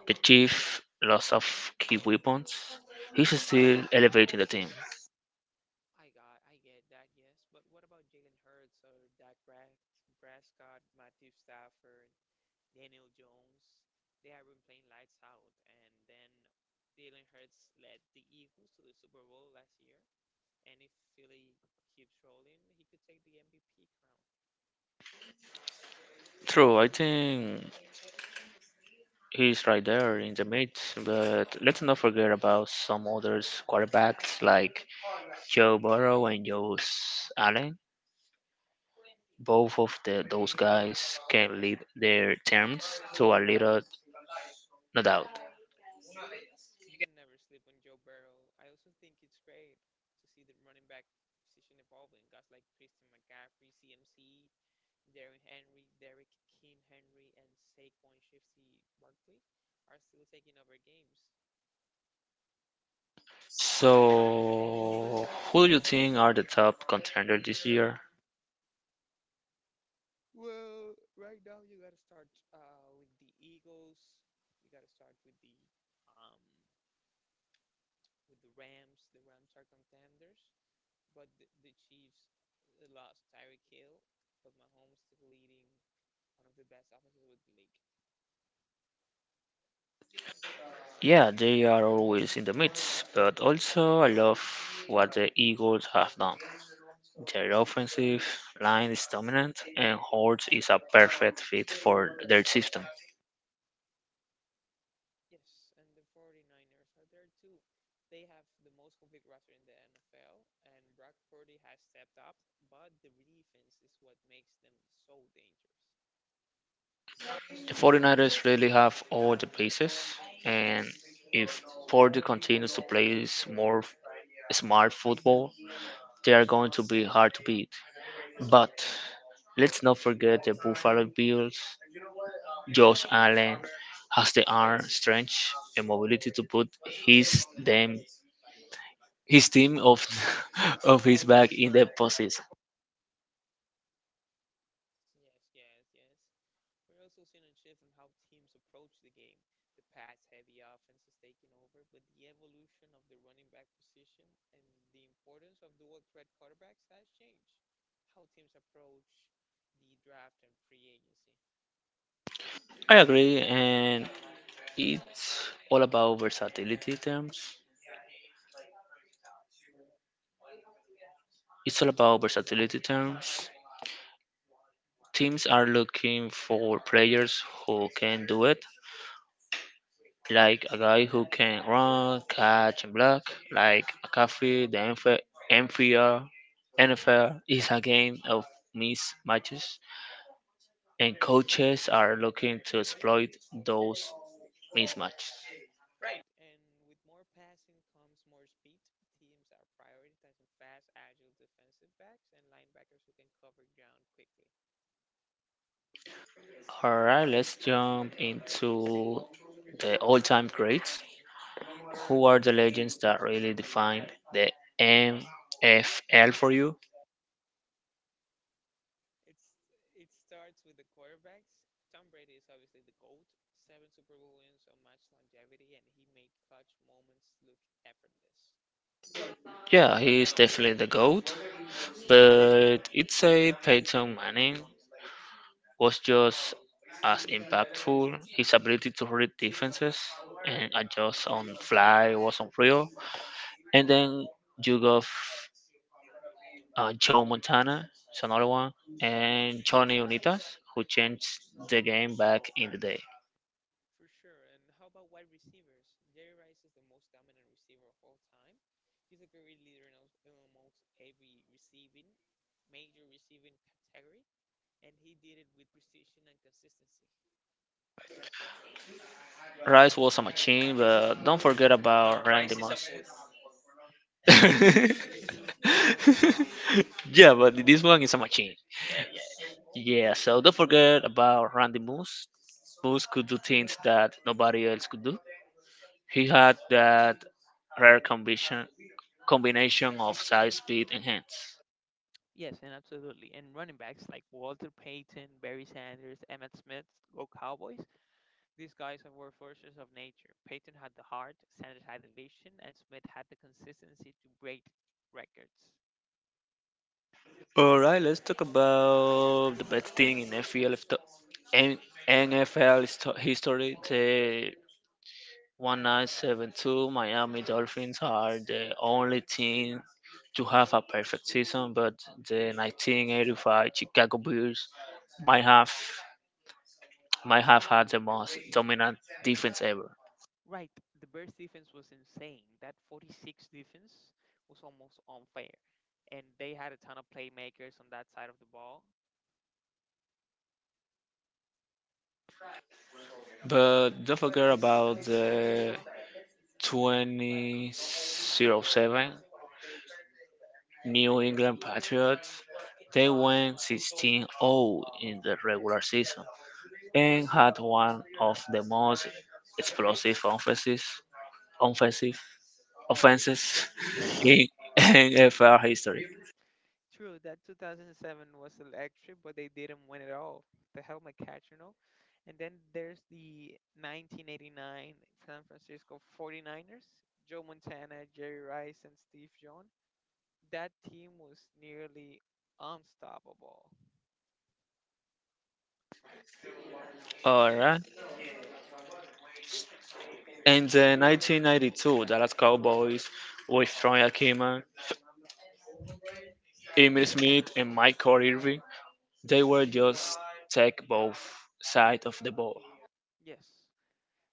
[SPEAKER 2] The chief loss of key weapons. He's still elevating the team.
[SPEAKER 1] I get that, yes, but what about Jalen Hurts or Dak Prescott, Matthew Stafford, Daniel Jones? They have been playing lights out, and then Jalen Hurts led the Eagles to the Super Bowl last year. And if Philly keeps rolling, he could take the MVP crown.
[SPEAKER 2] True, I think he's right there in the mid, but let's not forget about some others quarterbacks like Joe Burrow and Joe Allen. Both of the, those guys can lead their teams to a little, no doubt.
[SPEAKER 1] You can never sleep on Joe Burrow. I also think it's great to see the running back position evolving. Guys like Christian McCaffrey, CMC, Darren Henry, Derek King Henry, and Saquon Shifty Barkley are still taking over games.
[SPEAKER 2] So, who do you think are the top contenders this year?
[SPEAKER 1] Well, right now you gotta start with the Eagles. You gotta start um, with the Rams. The Rams are contenders, but the Chiefs lost Tyreek Hill, but Mahomes still leading one of the best offenses with the league.
[SPEAKER 2] Yeah, they are always in the mix, but also I love what the Eagles have done. Their offensive line is dominant, and Hortz is a perfect fit for their system.
[SPEAKER 1] Yes, and the 49ers are there too. They have the most complete roster in the NFL, and Brock Purdy has stepped up, but the defense is what makes them so dangerous.
[SPEAKER 2] The 49ers really have all the pieces, and if Porter continues to play smart, smart football, they are going to be hard to beat. But let's not forget the Buffalo Bills. Josh Allen has the arm strength and mobility to put his them his team of (laughs) of his back in the postseason.
[SPEAKER 1] Yes, yes, yes. We're also seeing a shift on how teams approach the game. The pass heavy offense is taking over, but the evolution of the running back position and the importance of dual threat quarterbacks has changed. How teams approach the draft and free agency.
[SPEAKER 2] I agree, and it's all about versatility terms. It's all about versatility terms. Teams are looking for players who can do it, like a guy who can run, catch, and block, like McCaffrey, the NFL, NFL, NFL N F L is a game of mismatches, and coaches are looking to exploit those mismatches.
[SPEAKER 1] Right, and with more passing comes more speed. Teams are prioritizing fast, agile defensive backs and linebackers who can cover ground quickly.
[SPEAKER 2] All right, let's jump into the all-time greats. Who are the legends that really defined the NFL for you?
[SPEAKER 1] It's it starts with the quarterbacks. Tom Brady is obviously the GOAT. Seven Super Bowl wins, so much longevity, and he made clutch moments look effortless.
[SPEAKER 2] Yeah, he's definitely the GOAT, but it's a Peyton Manning was just as impactful. His ability to read defenses and adjust on the fly was unreal. And then you got Joe Montana, is another one, and Johnny Unitas, who changed the game back in the day.
[SPEAKER 1] For sure. And how about wide receivers? Jerry Rice is the most dominant receiver of all time. He's a career leader in in almost every major receiving category. And he did it with precision and consistency.
[SPEAKER 2] Rice was a machine, but don't forget
[SPEAKER 1] No,
[SPEAKER 2] about Randy
[SPEAKER 1] rice is a
[SPEAKER 2] Moss.
[SPEAKER 1] food.
[SPEAKER 2] (laughs)
[SPEAKER 1] (laughs)
[SPEAKER 2] yeah, but this one is a machine. Yeah, so don't forget about Randy Moose. Moose could do things that nobody else could do. He had that rare combination of size, speed, and hands.
[SPEAKER 1] Yes, and absolutely. And running backs like Walter Payton, Barry Sanders, Emmett Smith, go Cowboys. These guys are were forces of nature. Payton had the heart, Sanders had the vision, and Smith had the consistency to break records.
[SPEAKER 2] All right, let's talk about the best thing in FPL histo- N- NFL history. The 1972 Miami Dolphins are the only team to have a perfect season, but the 1985 Chicago Bears might have might have had the most dominant defense ever.
[SPEAKER 1] Right, the Bears defense was insane. That 46 defense was almost unfair. And they had a ton of playmakers on that side of the ball.
[SPEAKER 2] But don't forget about the 2007 New England Patriots. They went 16-0 in the regular season and had one of the most explosive offenses, offensive offenses (laughs) in NFL history.
[SPEAKER 1] True, that 2007 was electric, but they didn't win it all. The helmet catch, you know. And then there's the 1989 San Francisco 49ers, Joe Montana, Jerry Rice, and Steve Young. That team was nearly unstoppable.
[SPEAKER 2] All
[SPEAKER 1] Yes.
[SPEAKER 2] right. In the 1992 Dallas Cowboys with Troy Aikman, Emmitt Smith, and Michael Irvin, they were just take both sides of the ball.
[SPEAKER 1] Yes.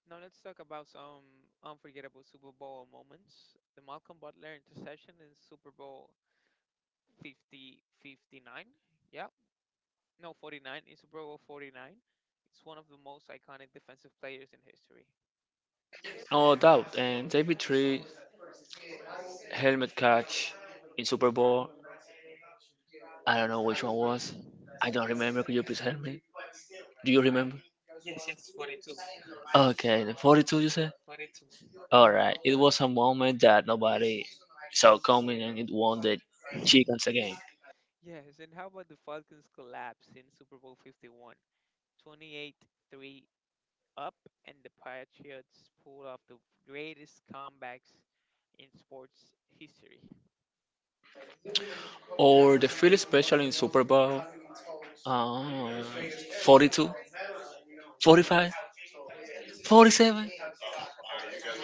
[SPEAKER 1] Now let's talk about some unforgettable Super Bowl moments. The Malcolm Butler interception in Super Bowl 50 59. Yeah. No, 49 in Super Bowl 49. It's one of the most iconic defensive players in history.
[SPEAKER 2] No doubt. And David Tree helmet catch in Super Bowl. I don't know which one was. I don't remember. Could you please help me? Do you remember?
[SPEAKER 1] Yes, yes, 42.
[SPEAKER 2] Okay, the 42 you said?
[SPEAKER 1] 42.
[SPEAKER 2] Alright, it was a moment that nobody saw coming and it won the Chickens again.
[SPEAKER 1] Yes, and how about the Falcons collapse in Super Bowl 51? 28-3 up and the Patriots pull off the greatest comebacks in sports history.
[SPEAKER 2] Or the Philly special in Super Bowl um, 42, 45, 47,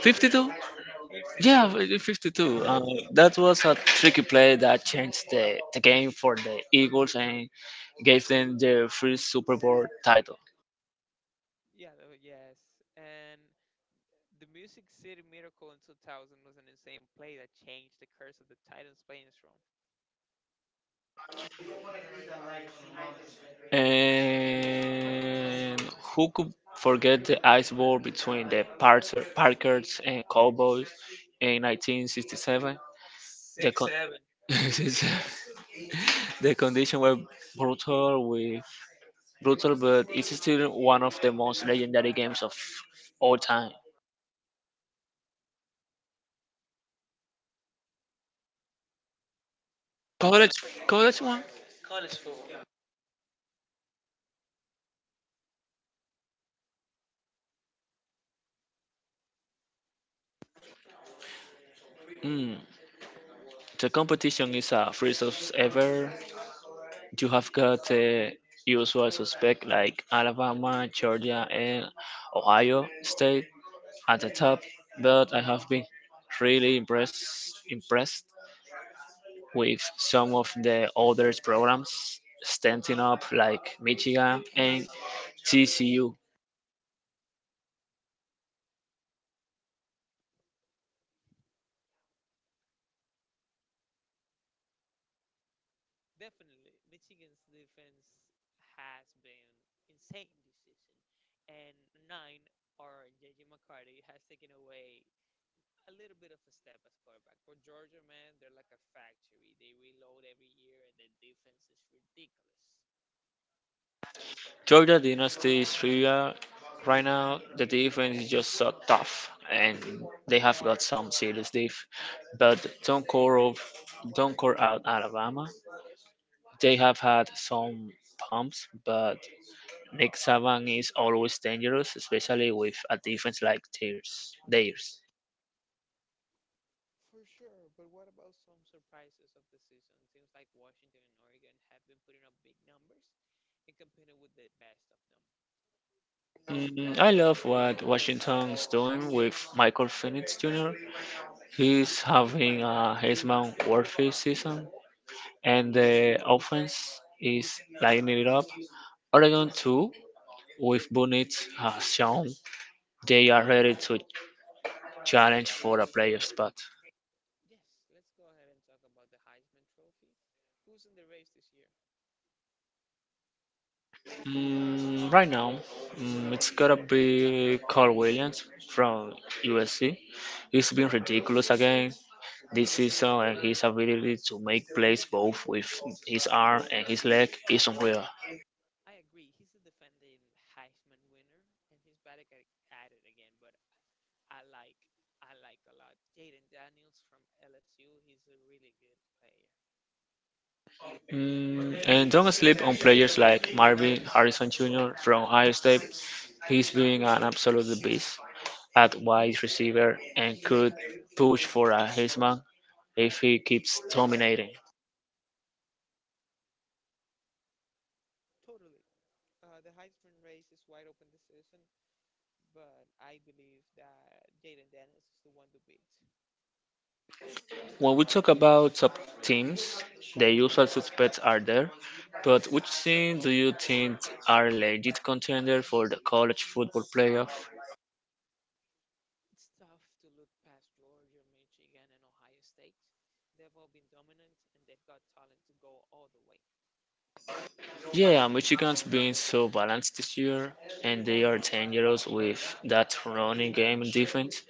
[SPEAKER 2] 52? Yeah,
[SPEAKER 1] 52.
[SPEAKER 2] 52. Uh,
[SPEAKER 1] 52. (laughs)
[SPEAKER 2] that was a tricky play that changed the game for the Eagles and gave them their first Super Bowl title.
[SPEAKER 1] Yeah, yes. And the Music City Miracle in 2000 was an insane play that changed the curse of the Titans playing from
[SPEAKER 2] And who could forget the ice ball between the Parkers and Cowboys in 1967? The con-
[SPEAKER 1] 6-7.
[SPEAKER 2] (laughs) the conditions were brutal, with brutal, but it's still one of the most legendary games of all time. College, college one. Mm. The competition is a free as ever. You have got the usual suspect like Alabama, Georgia, and Ohio State at the top, but I have been really impressed with some of the other programs standing up like Michigan and TCU.
[SPEAKER 1] Definitely, Michigan's defense has been insane this season. And 9 or JJ McCarty has taken away a little bit of a step as quarterback. But Georgia, man, they're like a factory. They reload every year and their defense is ridiculous.
[SPEAKER 2] Georgia Dynasty is real right now. The defense is just so tough, and they have got some serious diff. But don't call out Alabama. They have had some pumps, but Nick Saban is always dangerous, especially with a defense like theirs.
[SPEAKER 1] For sure, but what about some surprises of the season? Teams like Washington and Oregon have been putting up big numbers and competing with the best of them.
[SPEAKER 2] Mm, I love what Washington's doing with Michael Penix Jr. He's having a Heisman worthy season, and the offense is lighting it up. Oregon too, with Bunnitt has shown they are ready to challenge for a playoff spot.
[SPEAKER 1] Yes, let's go ahead and talk about the Heisman Trophy. Who's in the race this year?
[SPEAKER 2] Right now, it's gotta be Carl Williams from USC. He's been ridiculous again this season, and his ability to make plays both with his arm and his leg is unreal.
[SPEAKER 1] I agree, he's the defending Heisman winner, and he's back at it again, but I like I like a lot. Jaden Daniels from LSU, he's a really good player.
[SPEAKER 2] Mm, and don't sleep on players like Marvin Harrison Jr. from Ohio State. He's being an absolute beast at wide receiver and could push for a Heisman if he keeps dominating.
[SPEAKER 1] Totally. The Heisman race is wide open this season. But I believe that Jaden Daniels is the one to beat.
[SPEAKER 2] When we talk about top teams, the usual suspects are there, but which team do you think are legit contender for the college football playoff?
[SPEAKER 1] It's tough to look past Georgia, Michigan, and Ohio State. They've all been dominant and they've got talent to go all the way.
[SPEAKER 2] Yeah, Michigan's been so balanced this year, and they are dangerous with that running game and defense.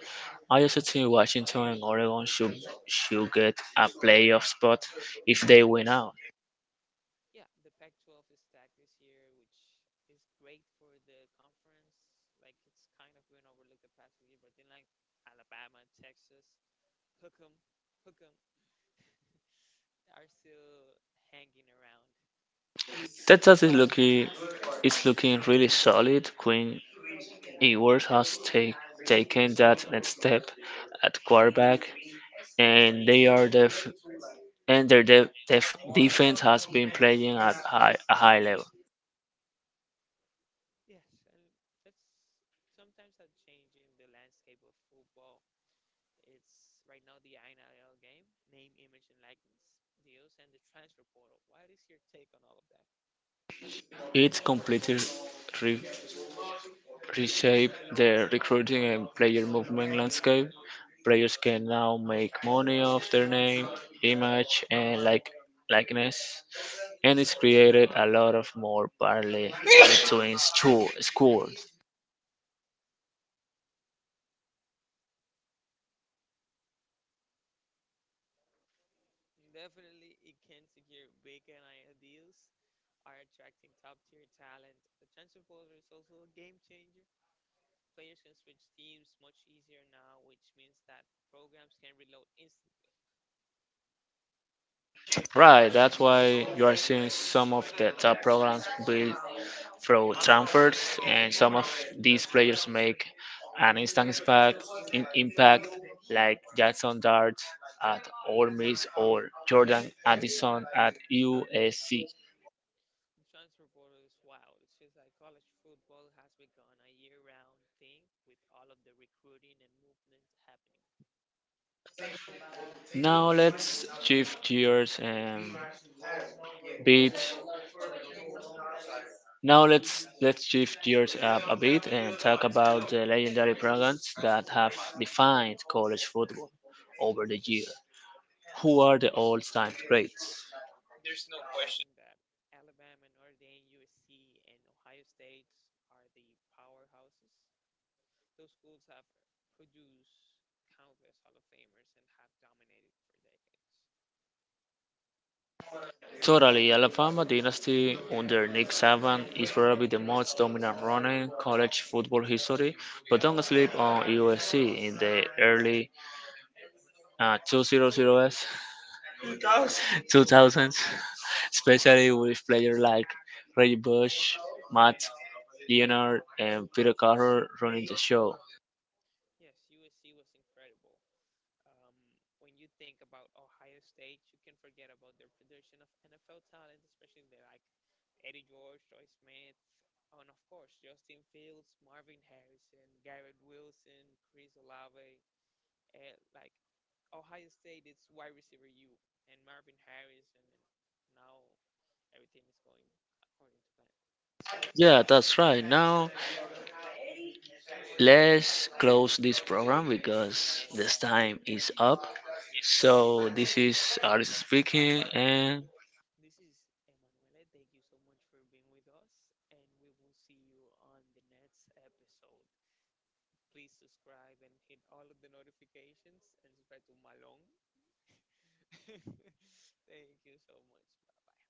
[SPEAKER 2] I also think Washington and Oregon should get a playoff spot if they win out.
[SPEAKER 1] Yeah, the Pac Pac-12 is stacked this year, which is great for the conference. Like, it's kind of been overlooked the past few years, but then, like, Alabama, Texas, Hook'em, Hook'em (laughs) are still hanging around.
[SPEAKER 2] Texas is looking really solid. Quinn Ewers has taken that next step at quarterback, and they are def, and their def, def, defense has been playing at a high level.
[SPEAKER 1] Yes, and it's sometimes I'm changing the landscape of football. It's right now the NIL game, name, image, and likeness deals, and the transfer portal. What is your take on all of that?
[SPEAKER 2] It's completely reshape the recruiting and player movement landscape. Players can now make money off their name, image, and likeness, and it's created a lot of more parley between schools.
[SPEAKER 1] Definitely, it can secure big NIL deals, are attracting top tier talent. The transfer portal is also a game changer. Players can switch teams much easier now, which means that programs can reload instantly.
[SPEAKER 2] Right, that's why you are seeing some of the top programs build through transfers, and some of these players make an instant impact, impact like Jackson Dart at Ole Miss or Jordan Addison at USC.
[SPEAKER 1] The transfer portal is wild. It's just like college football has become a year-round thing with all of the recruiting and movement happening.
[SPEAKER 2] Now let's shift gears and bit. Now let's shift gears up a bit and talk about the legendary programs that have defined college football over the year. Who are the all-time greats?
[SPEAKER 1] There's no question that Alabama, Notre Dame, USC, and Ohio State are the powerhouses. Those schools have produced countless Hall of Famers and have dominated for decades.
[SPEAKER 2] Totally, Alabama Dynasty under Nick Saban is probably the most dominant runner in college football history, but don't sleep on USC in the early uh, 200s, 2000s, (laughs) especially with players like Reggie Bush, Matt Leonard, and Peter Carroll running the show.
[SPEAKER 1] Yes, USC was incredible. Um, when you think about Ohio State, you can forget about their production of NFL talent, especially the, like Eddie George, Troy Smith, and of course Justin Fields, Marvin Harrison, Garrett Wilson, Chris Olave. Like Ohio State, it's wide receiver you and Marvin Harrison, and now everything is going according to plan.
[SPEAKER 2] Yeah, that's right. Now let's close this program because this time is up.
[SPEAKER 1] Yes, yes.
[SPEAKER 2] So this is Alice speaking and
[SPEAKER 1] This is Emanuele. Thank you so much for being with us, and we will see you on the next episode. Please subscribe and hit all of the notifications and subscribe to Malong. (laughs) Thank you so much. Bye bye.